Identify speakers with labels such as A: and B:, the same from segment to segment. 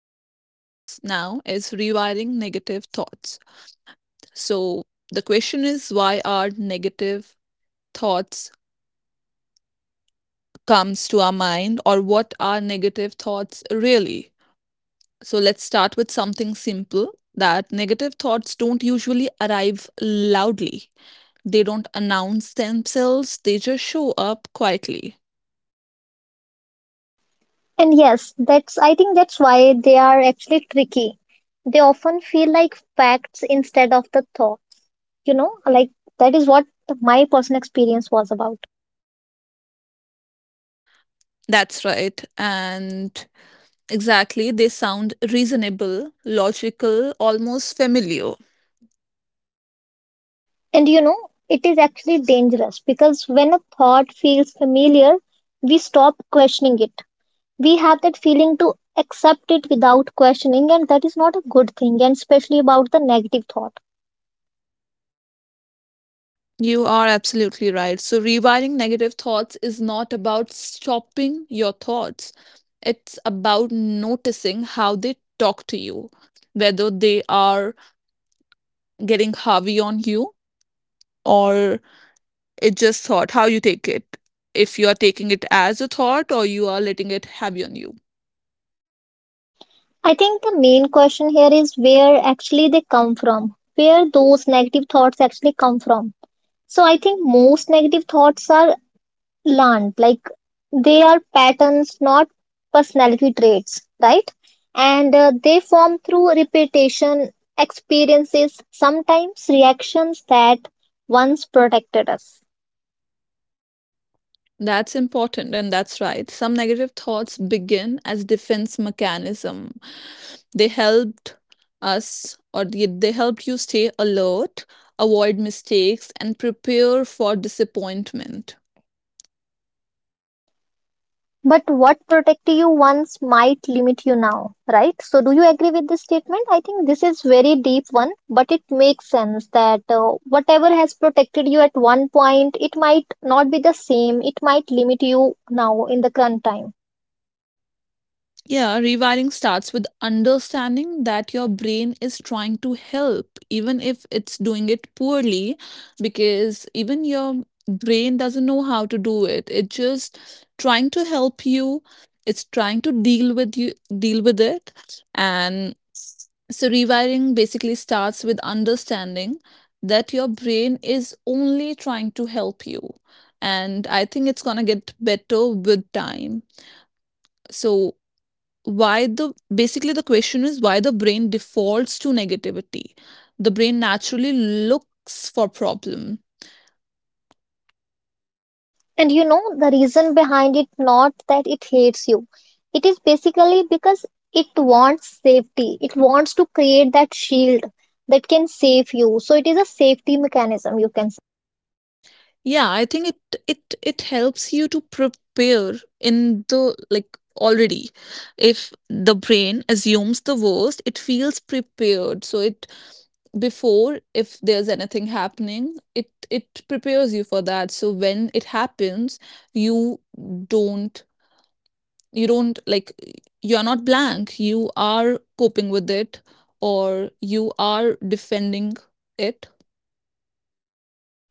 A: we're going to discuss now is rewiring negative thoughts. So, the question is why are negative thoughts comes to our mind, or what are negative thoughts really? So, let's start with something simple, that negative thoughts don't usually arrive loudly. They don't announce themselves, they just show up quietly.
B: And yes, that's I think that's why they are actually tricky. They often feel like facts instead of the thought. You know, like that is what my personal experience was about.
A: That's right. And exactly, they sound reasonable, logical, almost familiar.
B: And you know, it is actually dangerous because when a thought feels familiar, we stop questioning it. We have that feeling to accept it without questioning, and that is not a good thing, and especially about the negative thought.
A: You are absolutely right. So, rewiring negative thoughts is not about stopping your thoughts, it's about noticing how they talk to you, whether they are getting heavy on you, or it's just thought, how you take it. If you are taking it as a thought, or you are letting it heavy on you.
B: I think the main question here is where actually they come from, where those negative thoughts actually come from. So I think most negative thoughts are learned, like they are patterns, not personality traits, right? And they form through repetition, experiences, sometimes reactions that once protected us.
A: That's important, and that's right. Some negative thoughts begin as defense mechanism. They helped us, or they helped you stay alert, avoid mistakes, and prepare for disappointment.
B: But what protected you once might limit you now, right? So, do you agree with this statement? I think this is very deep one, but it makes sense that whatever has protected you at one point, it might not be the same. It might limit you now in the current time.
A: Yeah, rewiring starts with understanding that your brain is trying to help, even if it's doing it poorly, because even your brain doesn't know how to do it. It's just trying to help you. It's trying to deal with you, deal with it. And so rewiring basically starts with understanding that your brain is only trying to help you. And I think it's gonna get better with time. So why the basically the question is, why the brain defaults to negativity? The brain naturally looks for problem.
B: And you know the reason behind it not that it hates you. It is basically because it wants safety. It wants to create that shield that can save you. So it is a safety mechanism you can.
A: Yeah, I think it helps you to prepare in the, like, already. If the brain assumes the worst, it feels prepared. So it before, if there's anything happening, it prepares you for that, so when it happens, you don't, you don't, like, you're not blank, you are coping with it, or you are defending it.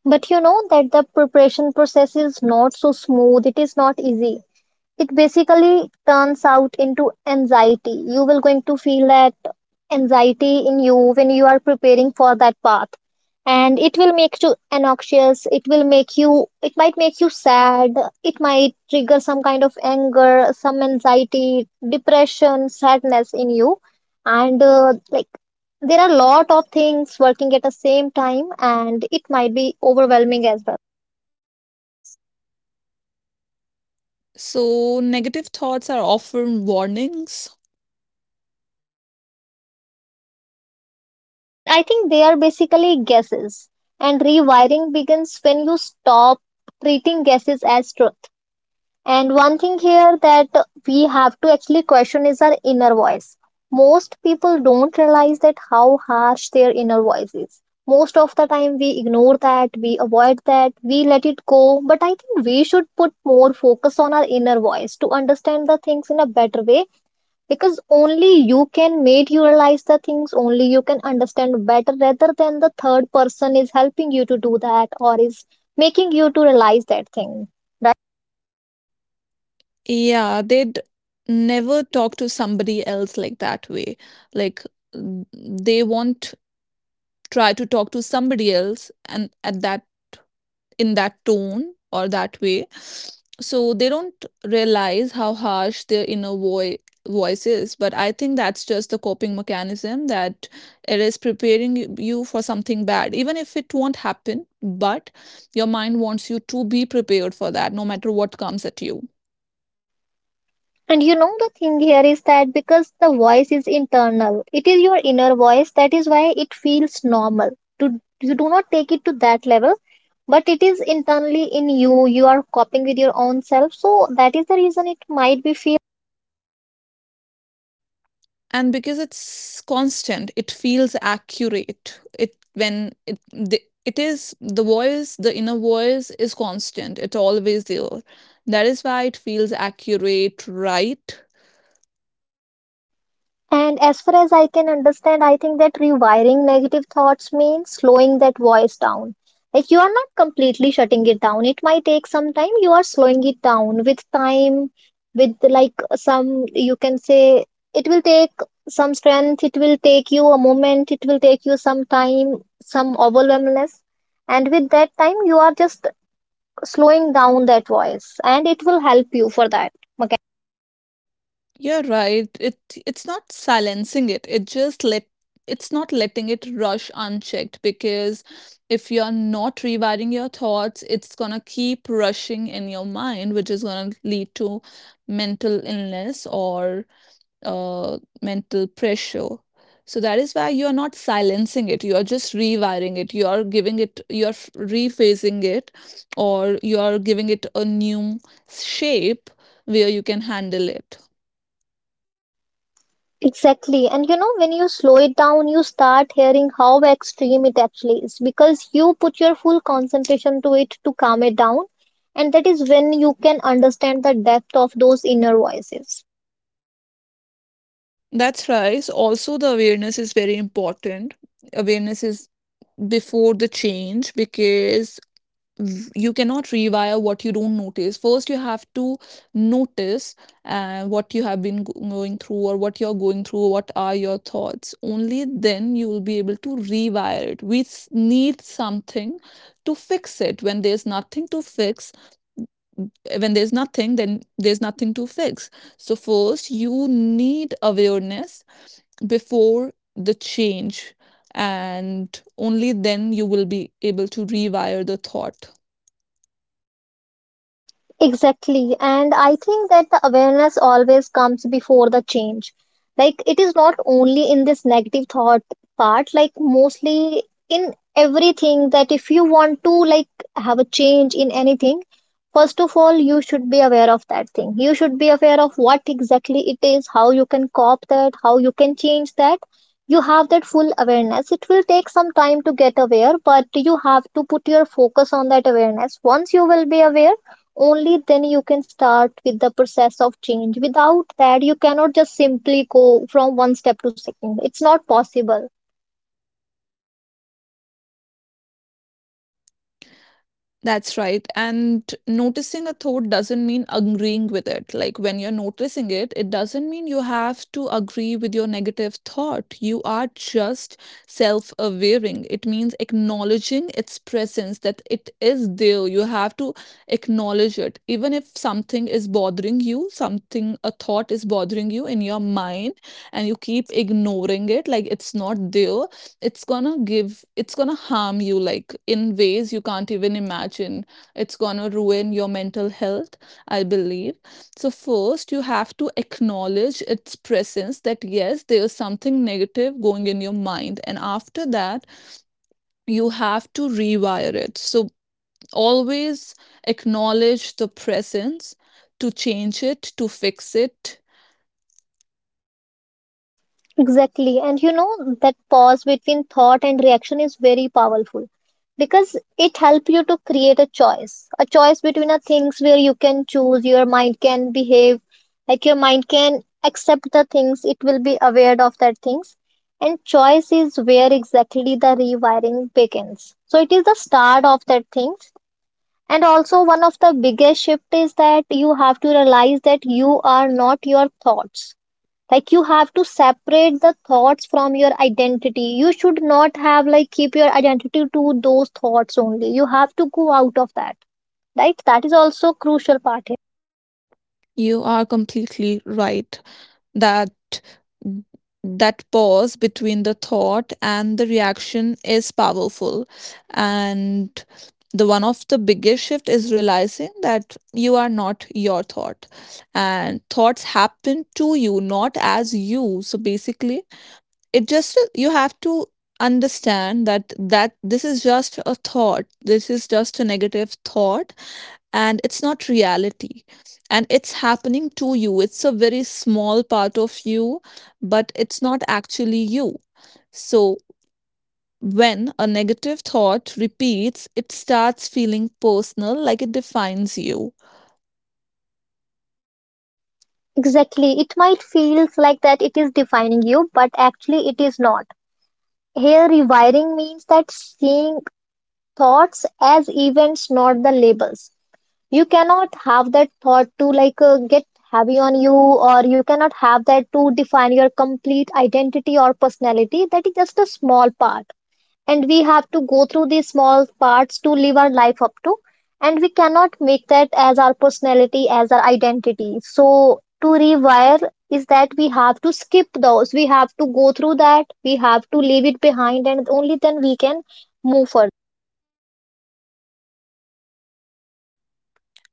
B: But you know that the preparation process is not so smooth, it is not easy, it basically turns out into anxiety, you will going to feel that anxiety in you when you are preparing for that path, and it will make you anxious, it will make you, it might make you sad, it might trigger some kind of anger, some anxiety, depression, sadness in you, and there are a lot of things working at the same time and it might be overwhelming as well.
A: So negative thoughts are often warnings.
B: And I think they are basically guesses. And rewiring begins when you stop treating guesses as truth. And one thing here that we have to actually question is our inner voice. Most people don't realize that how harsh their inner voice is. Most of the time we ignore that, we avoid that, we let it go. But I think we should put more focus on our inner voice to understand the things in a better way, because only you can make you realize the things, only you can understand better rather than the third person is helping you to do that or is making you to realize that thing.
A: Yeah, they'd never talk to somebody else like that way, like, mm, they want try to talk to somebody else and at that, in that tone, or that way. So they don't realize how harsh their inner voice is, but I think that's just the coping mechanism, that it is preparing you for something bad, even if it won't happen. But your mind wants you to be prepared for that, no matter what comes at you.
B: And you know the thing here is that because the voice is internal, it is your inner voice, that is why it feels normal to you do not take it to that level, but it is internally in you, you are coping with your own self, so that is the reason it might be feel.
A: And because it's constant, it feels accurate. It is the voice, the inner voice is constant, it's always there, that is why it feels accurate, right?
B: And as far as I can understand, I think that rewiring negative thoughts means slowing that voice down. Like you are not completely shutting it down. It might take some time. You are slowing it down with time, with like some, you can say, it will take some strength, it will take you a moment, it will take you some time, some overwhelmness. And with that time, you are just slowing down that voice, and it will help you for that.
A: You're right, it's not silencing it, it just let, it's not letting it rush unchecked, because if you're not rewiring your thoughts, it's going to keep rushing in your mind, which is going to lead to mental illness or mental pressure. So that is why you are not silencing it. You are just rewiring it. You are giving it, you are rephasing it, or you are giving it a new shape where you can handle it.
B: Exactly. And you know, when you slow it down, you start hearing how extreme it actually is because you put your full concentration to it to calm it down. And that is when you can understand the depth of those inner voices.
A: That's right. So also, the awareness is very important. Awareness is before the change, because you cannot rewire what you don't notice. First you have to notice what you have been going through, or what you're going through, what are your thoughts. Only then you will be able to rewire it. We need something to fix it. When there's nothing to fix, when there's nothing, then there's nothing to fix. So first you need awareness before the change, and only then you will be able to rewire the thought.
B: Exactly. And I think that the awareness always comes before the change. Like it is not only in this negative thought part, like mostly in everything, that if you want to like have a change in anything, first of all, you should be aware of that thing. You should be aware of what exactly it is, how you can cop that, how you can change that. You have that full awareness. It will take some time to get aware, but you have to put your focus on that awareness. Once you will be aware, only then you can start with the process of change, without that you cannot just simply go from one step to second, it's not possible.
A: That's right. And noticing a thought doesn't mean agreeing with it. Like, when you're noticing it, it doesn't mean you have to agree with your negative thought. You are just self awareing. It means acknowledging its presence, that it is there. You have to acknowledge it. Even if something is bothering you, something, a thought is bothering you in your mind, and you keep ignoring it, like it's not there, it's gonna give it's gonna harm you, like, in ways you can't even imagine. It's gonna ruin your mental health, I believe. So first you have to acknowledge its presence, that yes, there's something negative going in your mind, and after that you have to rewire it. So always acknowledge the presence to change it, to fix it.
B: Exactly. And you know that pause between thought and reaction is very powerful, because it helps you to create a choice, a choice between a things where you can choose, your mind can behave, like your mind can accept the things, it will be aware of that things, and choice is where exactly the rewiring begins, so it is the start of that things. And also one of the biggest shift is that you have to realize that you are not your thoughts. Like you have to separate the thoughts from your identity, you should not have like keep your identity to those thoughts only, you have to go out of that, right? That is also crucial part here.
A: You are completely right that that pause between the thought and the reaction is powerful, and the one of the biggest shift is realizing that you are not your thought, and thoughts happen to you, not as you. So basically, it just, you have to understand that, this is just a thought, this is just a negative thought, and it's not reality, and it's happening to you. It's a very small part of you, but it's not actually you. So when a negative thought repeats, it starts feeling personal, like it defines you.
B: Exactly, it might feels like that it is defining you, but actually it is not. Here rewiring means that seeing thoughts as events, not the labels. You cannot have that thought to like get heavy on you, or you cannot have that to define your complete identity or personality, that is just a small part, and we have to go through these small parts to live our life up to, and we cannot make that as our personality as our identity. So to rewire is that we have to skip those, we have to go through that, we have to leave it behind, and only then we can move forward.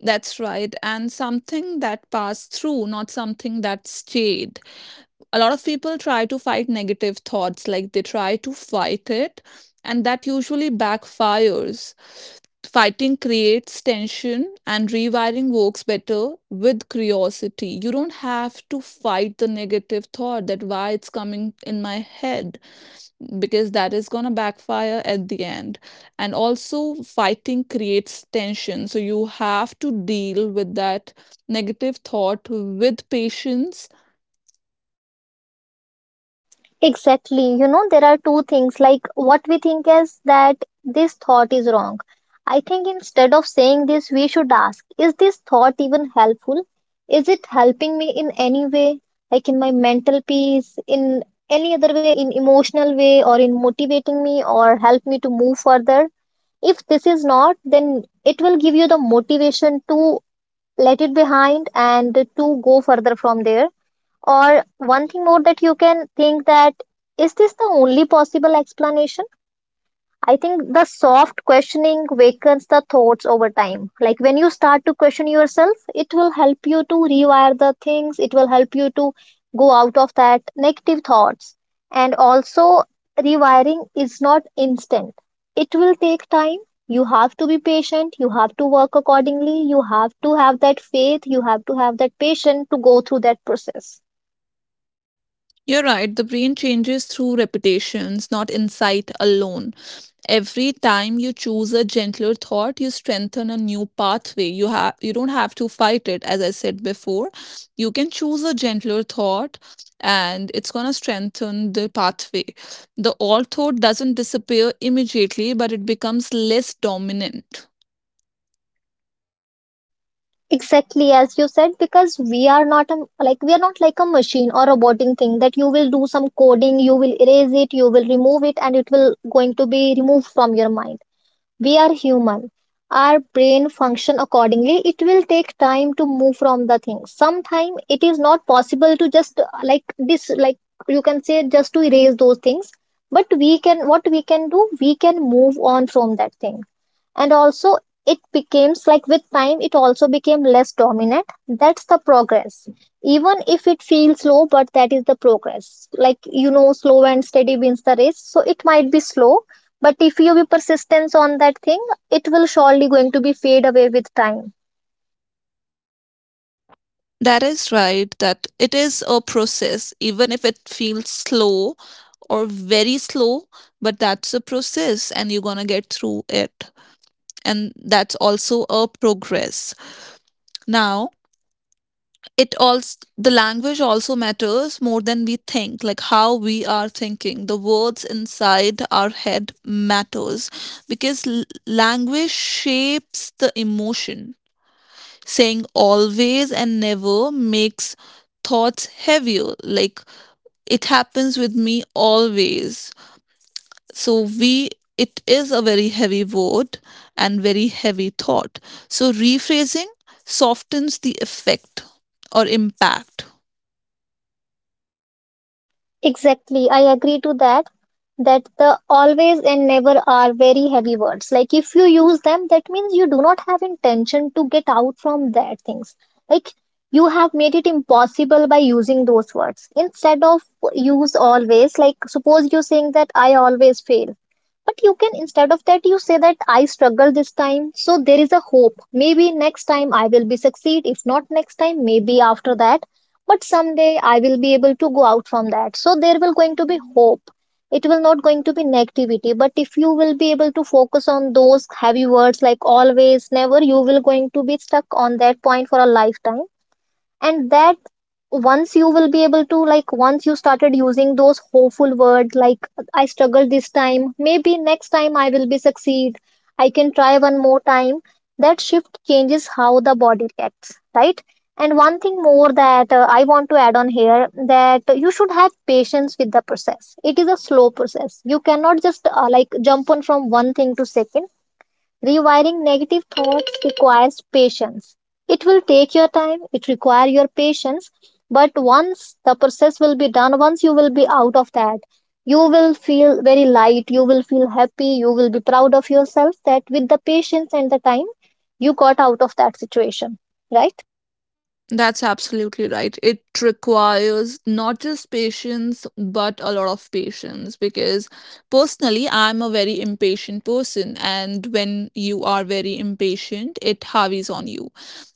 A: That's right. And something that passed through, not something that stayed. A lot of people try to fight negative thoughts, like they try to fight it, and that usually backfires. Fighting creates tension, and rewiring works better with curiosity. You don't have to fight the negative thought, that why it's coming in my head, because that is going to backfire at the end. And also fighting creates tension, so you have to deal with that negative thought with patience.
B: Exactly. You know, there are two things. Like, what we think is that this thought is wrong. I think instead of saying this, we should ask, is this thought even helpful? Is it helping me in any way? Like in my mental peace, in any other way, in emotional way, or in motivating me or help me to move further? If this is not, then it will give you the motivation to let it behind and to go further from there. Or one thing more that you can think that is this the only possible explanation? I think the soft questioning wakens the thoughts over time. Like when you start to question yourself, it will help you to rewire the things, it will help you to go out of that negative thoughts. And also, rewiring is not instant, it will take time. You have to be patient, you have to work accordingly, you have to have that faith, you have to have that patience to go through that process.
A: You're right, the brain changes through repetitions, not insight alone. Every time you choose a gentler thought, you strengthen a new pathway. You don't have to fight it, as I said before. You can choose a gentler thought, and it's gonna strengthen the pathway. The orthode doesn't disappear immediately, but it becomes less dominant.
B: Exactly as you said, because we are not a, like we are not like a machine or a roboting thing that you will do some coding, you will erase it, you will remove it, and it will going to be removed from your mind. We are human. Our brain function accordingly. It will take time to move from the thing. Sometime it is not possible to just like this, like you can say just to erase those things. But we can, what we can do, we can move on from that thing. And also it becomes like with time, it also became less dominant. That's the progress. Even if it feels slow, but that is the progress. Like you know, slow and steady wins the race. So it might be slow, but if you be persistence on that thing, it will surely going to be fade away with time.
A: That is right, that it is a process, even if it feels slow or very slow, but that's a process, and you're going to get through it. And that's also a progress. Now, it also, the language also matters more than we think, like how we are thinking the words inside our head matters, because language shapes the emotion. Saying always and never makes thoughts heavier, like it happens with me always. So we, it is a very heavy word and very heavy thought. So rephrasing softens the effect or impact.
B: Exactly, I agree to that, that the always and never are very heavy words, like if you use them that means you do not have intention to get out from that things, like you have made it impossible by using those words instead of use always. Like suppose you're saying that I always fail. But you can, instead of that, you say that I struggled this time, so there is a hope. Maybe next time I will be succeed. If not next time, maybe after that. But someday I will be able to go out from that. So there will going to be hope. It will not going to be negativity. But if you will be able to focus on those heavy words like always, never, you will going to be stuck on that point for a lifetime. And that once you will be able to like once you started using those hopeful words like I struggled this time, maybe next time I will be succeed, I can try one more time, that shift changes how the body reacts, right? And one thing more that I want to add on here that you should have patience with the process, it is a slow process, you cannot just like jump on from one thing to second. Rewiring negative thoughts requires patience. It will take your time, it requires your patience, but once the process will be done, once you will be out of that, you will feel very light, you will feel happy, you will be proud of yourself that with the patience and the time, you got out of that situation, right?
A: That's absolutely right. It requires not just patience, but a lot of patience, because personally, I'm a very impatient person. And when you are very impatient, it harveys on you.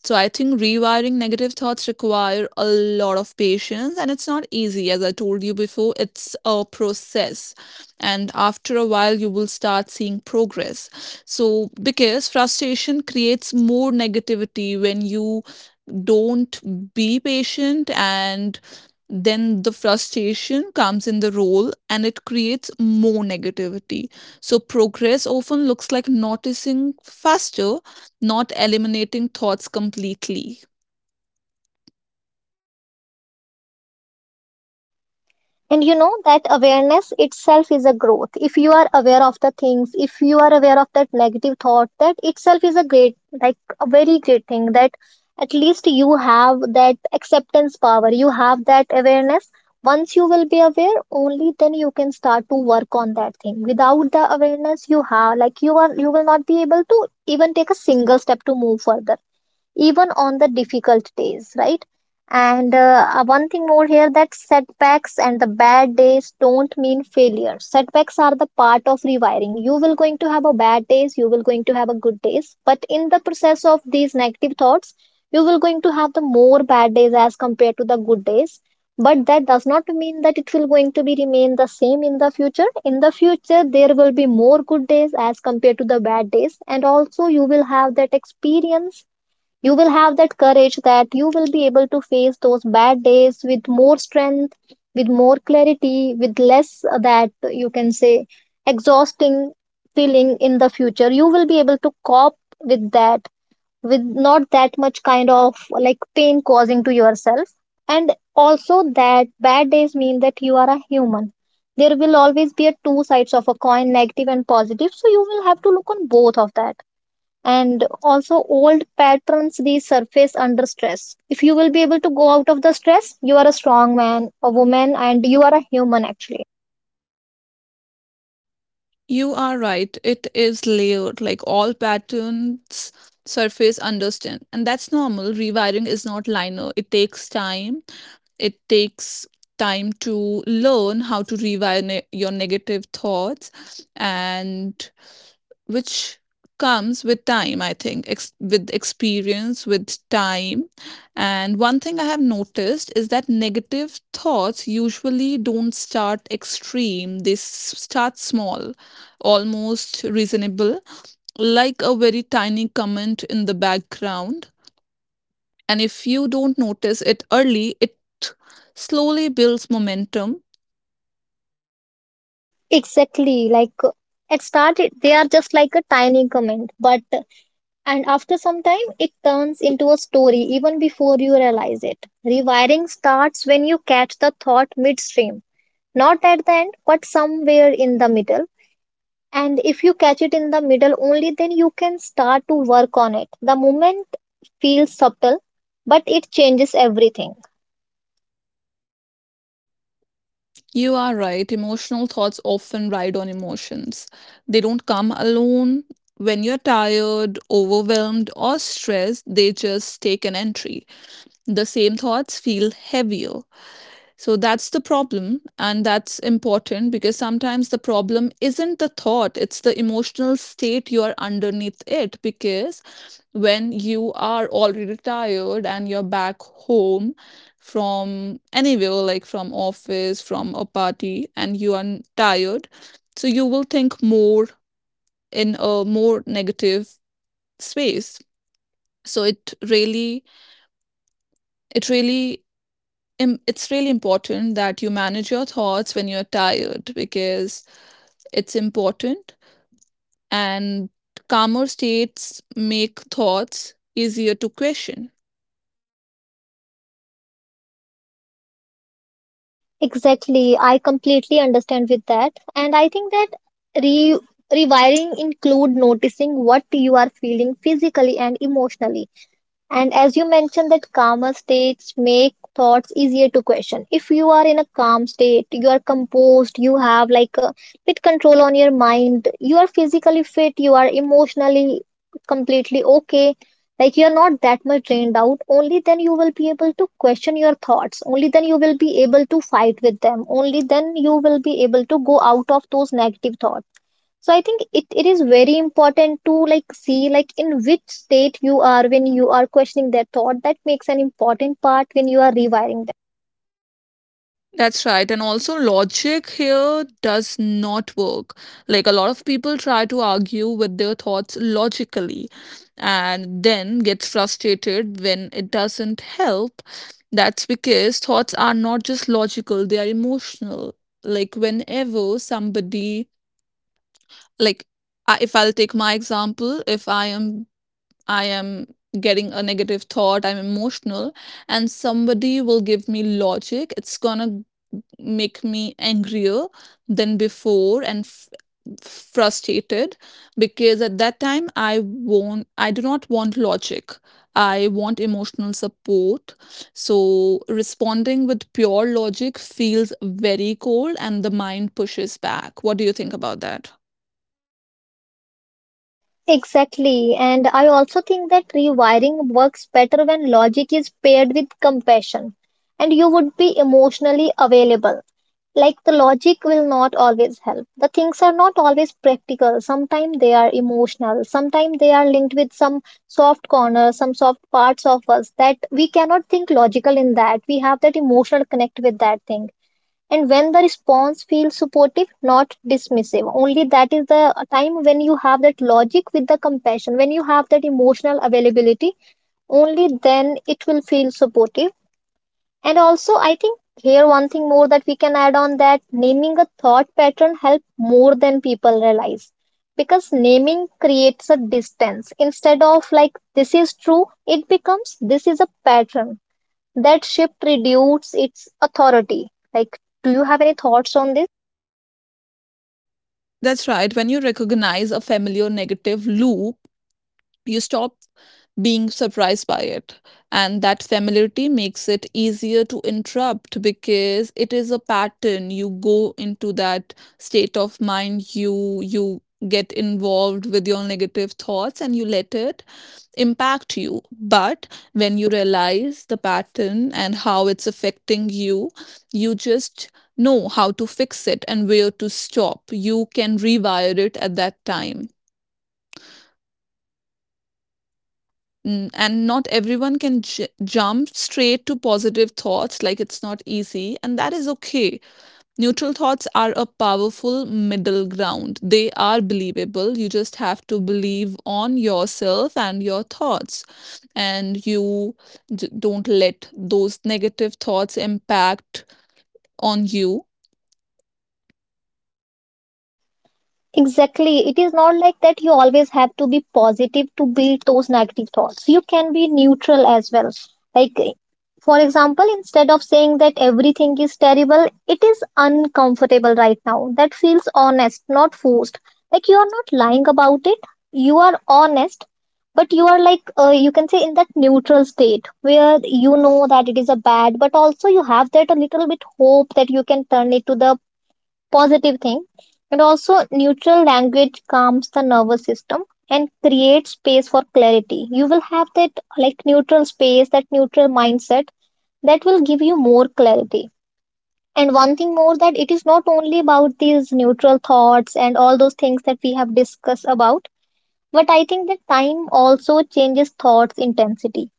A: So I think rewiring negative thoughts require a lot of patience, and it's not easy. As I told you before, it's a process. And after a while, you will start seeing progress. So, because frustration creates more negativity when you don't be patient, and then the frustration comes in the role, and it creates more negativity. So progress often looks like noticing faster, not eliminating thoughts completely.
B: And you know that awareness itself is a growth. If you are aware of the things, if you are aware of that negative thought, that itself is a great, like a very great thing, that at least you have that acceptance power, you have that awareness. Once you will be aware, only then you can start to work on that thing. Without the awareness, you have, like, you will not be able to even take a single step to move further, even on the difficult days, right? And one thing more here, that setbacks and the bad days don't mean failure. Setbacks are the part of rewiring. You will going to have a bad days, you will going to have a good days, but in the process of these negative thoughts, you will going to have the more bad days as compared to the good days. But that does not mean that it will going to be remain the same in the future. In the future, there will be more good days as compared to the bad days, and also you will have that experience, you will have that courage, that you will be able to face those bad days with more strength, with more clarity, with less that you can say exhausting feeling in the future. You will be able to cope with that with not that much kind of like pain causing to yourself. And also, that bad days mean that you are a human. There will always be a two sides of a coin, negative and positive, so you will have to look on both of that. And also, old patterns, they surface under stress. If you will be able to go out of the stress, you are a strong man, a woman, and you are a human, actually.
A: You are right. It is layered, like all patterns surface understand. And that's normal. Rewiring is not linear. It takes time. It takes time to learn how to rewire your negative thoughts, and which comes with time, I think, with experience, with time. And one thing I have noticed is that negative thoughts usually don't start extreme, they start small, almost reasonable, like a very tiny comment in the background. And if you don't notice it early, it slowly builds momentum.
B: Exactly, like it started, they are just like a tiny comment, but and after some time it turns into a story. Even before you realize it, rewiring starts when you catch the thought midstream, not at the end but somewhere in the middle. And if you catch it in the middle, only then you can start to work on it. The moment feels subtle, but it changes everything.
A: You are right. Emotional thoughts often ride on emotions. They don't come alone. When you're tired, overwhelmed, or stressed, they just take an entry. The same thoughts feel heavier. So that's the problem. And that's important, because sometimes the problem isn't the thought, it's the emotional state you are underneath it. Because when you are already tired and you're back home from anywhere, like from office, from a party, and you are tired, so you will think more in a more negative space. So it really, it's really important that you manage your thoughts when you're tired, because it's important. And calmer states make thoughts easier to question.
B: Exactly, I completely understand with that, and I think that re rewiring include noticing what you are feeling physically and emotionally. And as you mentioned, that calmer states make thoughts easier to question. If you are in a calm state, you are composed, you have like a bit control on your mind, you are physically fit, you are emotionally completely okay, like you are not that much drained out, only then you will be able to question your thoughts, only then you will be able to fight with them, only then you will be able to go out of those negative thoughts. So I think it is very important to, like, see, like, in which state you are when you are questioning their thought, that makes an important part when you are rewiring them.
A: That's right. And also, logic here does not work. Like, a lot of people try to argue with their thoughts logically, and then gets frustrated when it doesn't help. That's because thoughts are not just logical, they are emotional. Like, whenever somebody, like, if I'll take my example, if I am, I am getting a negative thought, I'm emotional, and somebody will give me logic, it's gonna make me angrier than before, and frustrated, because at that time I do not want logic. I want emotional support. So responding with pure logic feels very cold, and the mind pushes back. What do you think about that?
B: Exactly, and I also think that rewiring works better when logic is paired with compassion and you would be emotionally available. Like, the logic will not always help. The things are not always practical. Sometimes they are emotional. Sometimes they are linked with some soft corners, some soft parts of us that we cannot think logical in that. We have that emotional connect with that thing. And when the response feels supportive, not dismissive, only that is the time when you have that logic with the compassion, when you have that emotional availability, only then it will feel supportive. And also, I think here one thing more that we can add on, that naming a thought pattern help more than people realize, because naming creates a distance. Instead of, like, this is true, it becomes this is a pattern. That shift reduces its authority. Like, do you have any thoughts on this?
A: That's right. When you recognize a familiar negative loop, you stop being surprised by it. And that familiarity makes it easier to interrupt, because it is a pattern. You go into that state of mind, you get involved with your negative thoughts, and you let it impact you. But when you realize the pattern and how it's affecting you, you just know how to fix it and where to stop. You can rewire it at that time. And not everyone can jump straight to positive thoughts, like it's not easy, and that is okay. Neutral thoughts are a powerful middle ground, they are believable. You just have to believe on yourself and your thoughts, and you don't let those negative thoughts impact on you.
B: Exactly. It is not like that you always have to be positive to beat those negative thoughts. You can be neutral as well. Like, for example, instead of saying that everything is terrible, it is uncomfortable right now. That feels honest, not forced. Like, you are not lying about it. You are honest, but you are like, you can say in that neutral state where you know that it is a bad, but also you have that a little bit hope that you can turn it to the positive thing. And also, neutral language calms the nervous system and creates space for clarity. You will have that, like, neutral space, that neutral mindset, that will give you more clarity. And one thing more, that it is not only about these neutral thoughts and all those things that we have discussed about, but I think that time also changes thoughts intensity.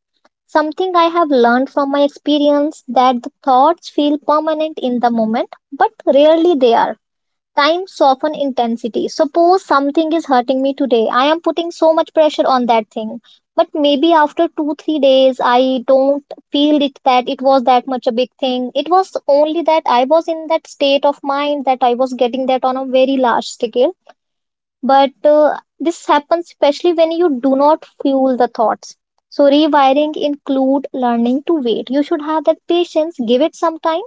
B: Something I have learned from my experience, that the thoughts feel permanent in the moment, but rarely they are. Time soften intensity. Suppose something is hurting me today. I am putting so much pressure on that thing. But maybe after two, 3 days, I don't feel it that it was that much a big thing. It was only that I was in that state of mind that I was getting that on a very large scale. But this happens especially when you do not fuel the thoughts. So rewiring include learning to wait. You should have that patience. Give it some time.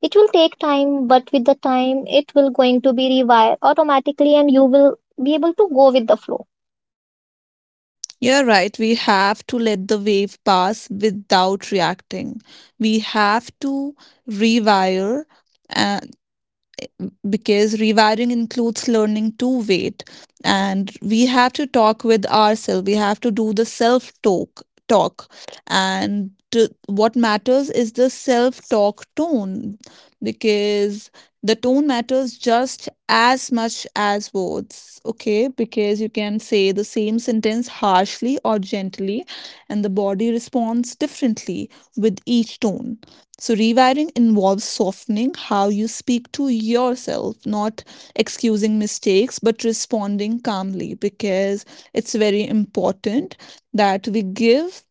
B: It will take time, but with the time, it will going to be rewired automatically, and you will be able to go with the flow.
A: You're right, we have to let the wave pass without reacting. We have to rewire, uh, because rewiring includes learning to wait. And we have to talk with ourselves. We have to do the self talk. And what matters is the self talk tone, because the tone matters just as much as words. Okay, because you can say the same sentence harshly or gently, and the body responds differently with each tone. So, rewiring involves softening how you speak to yourself, not excusing mistakes, but responding calmly, because it's very important that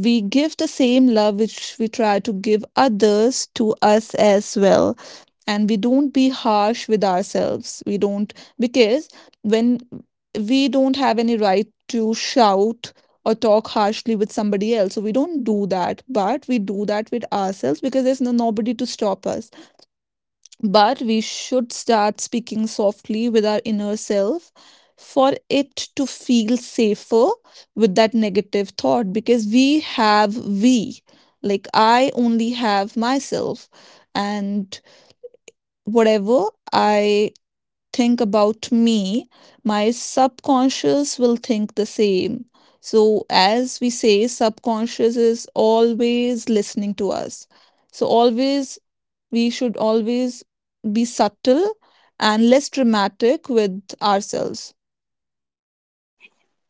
A: we give the same love which we try to give others to us as well. And we don't be harsh with ourselves, we don't, because when we don't have any right to shout or talk harshly with somebody else, so we don't do that, but we do that with ourselves, because there's no, nobody to stop us. But we should start speaking softly with our inner self for it to feel safer with that negative thought, because we have we. Like, I only have myself, and whatever I think about me, my subconscious will think the same. So, as we say, subconscious is always listening to us. So, always, we should always be subtle and less dramatic with ourselves.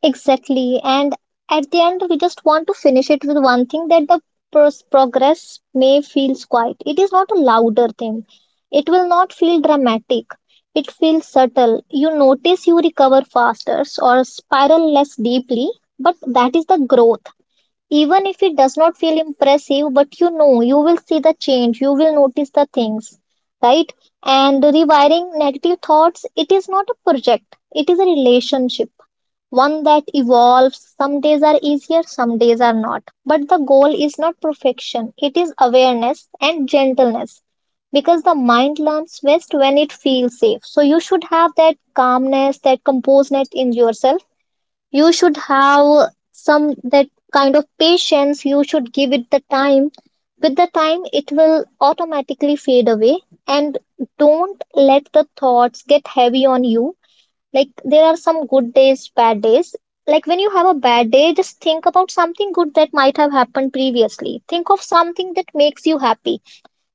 B: Exactly. And at the end, we just want to finish it with one thing, that the progress may feel quiet. It is not a louder thing. It will not feel dramatic. It feels subtle. You notice you recover faster or spiral less deeply, but that is the growth. Even if it does not feel impressive, but you know, you will see the change, you will notice the things, right? And rewiring negative thoughts, it is not a project, it is a relationship, one that evolves. Some days are easier, some days are not. But the goal is not perfection, it is awareness and gentleness, because the mind learns best when it feels safe. So you should have that calmness, that composedness in yourself, you should have some that kind of patience. You should give it the time. With the time, it will automatically fade away. And don't let the thoughts get heavy on you. Like, there are some good days, bad days. Like, when you have a bad day, just think about something good that might have happened previously. Think of something that makes you happy.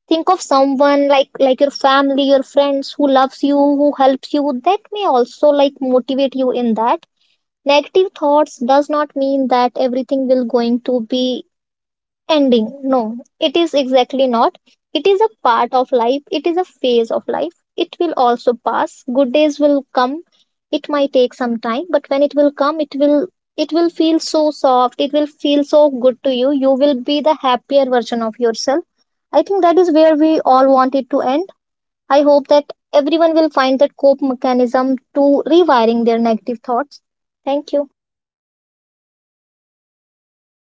B: Think of someone like your family, your friends who loves you, who helps you. That may also, like, motivate you in that. Negative thoughts does not mean that everything will going to be ending. No. It is exactly not. It is a part of life, it is a phase of life, it will also pass. Good days will come. It might take some time, but when it will come, it will feel so soft, it will feel so good to you. You will be the happier version of yourself. I think that is where we all want it to end. I hope that everyone will find that cope mechanism to rewiring their negative thoughts. Thank you.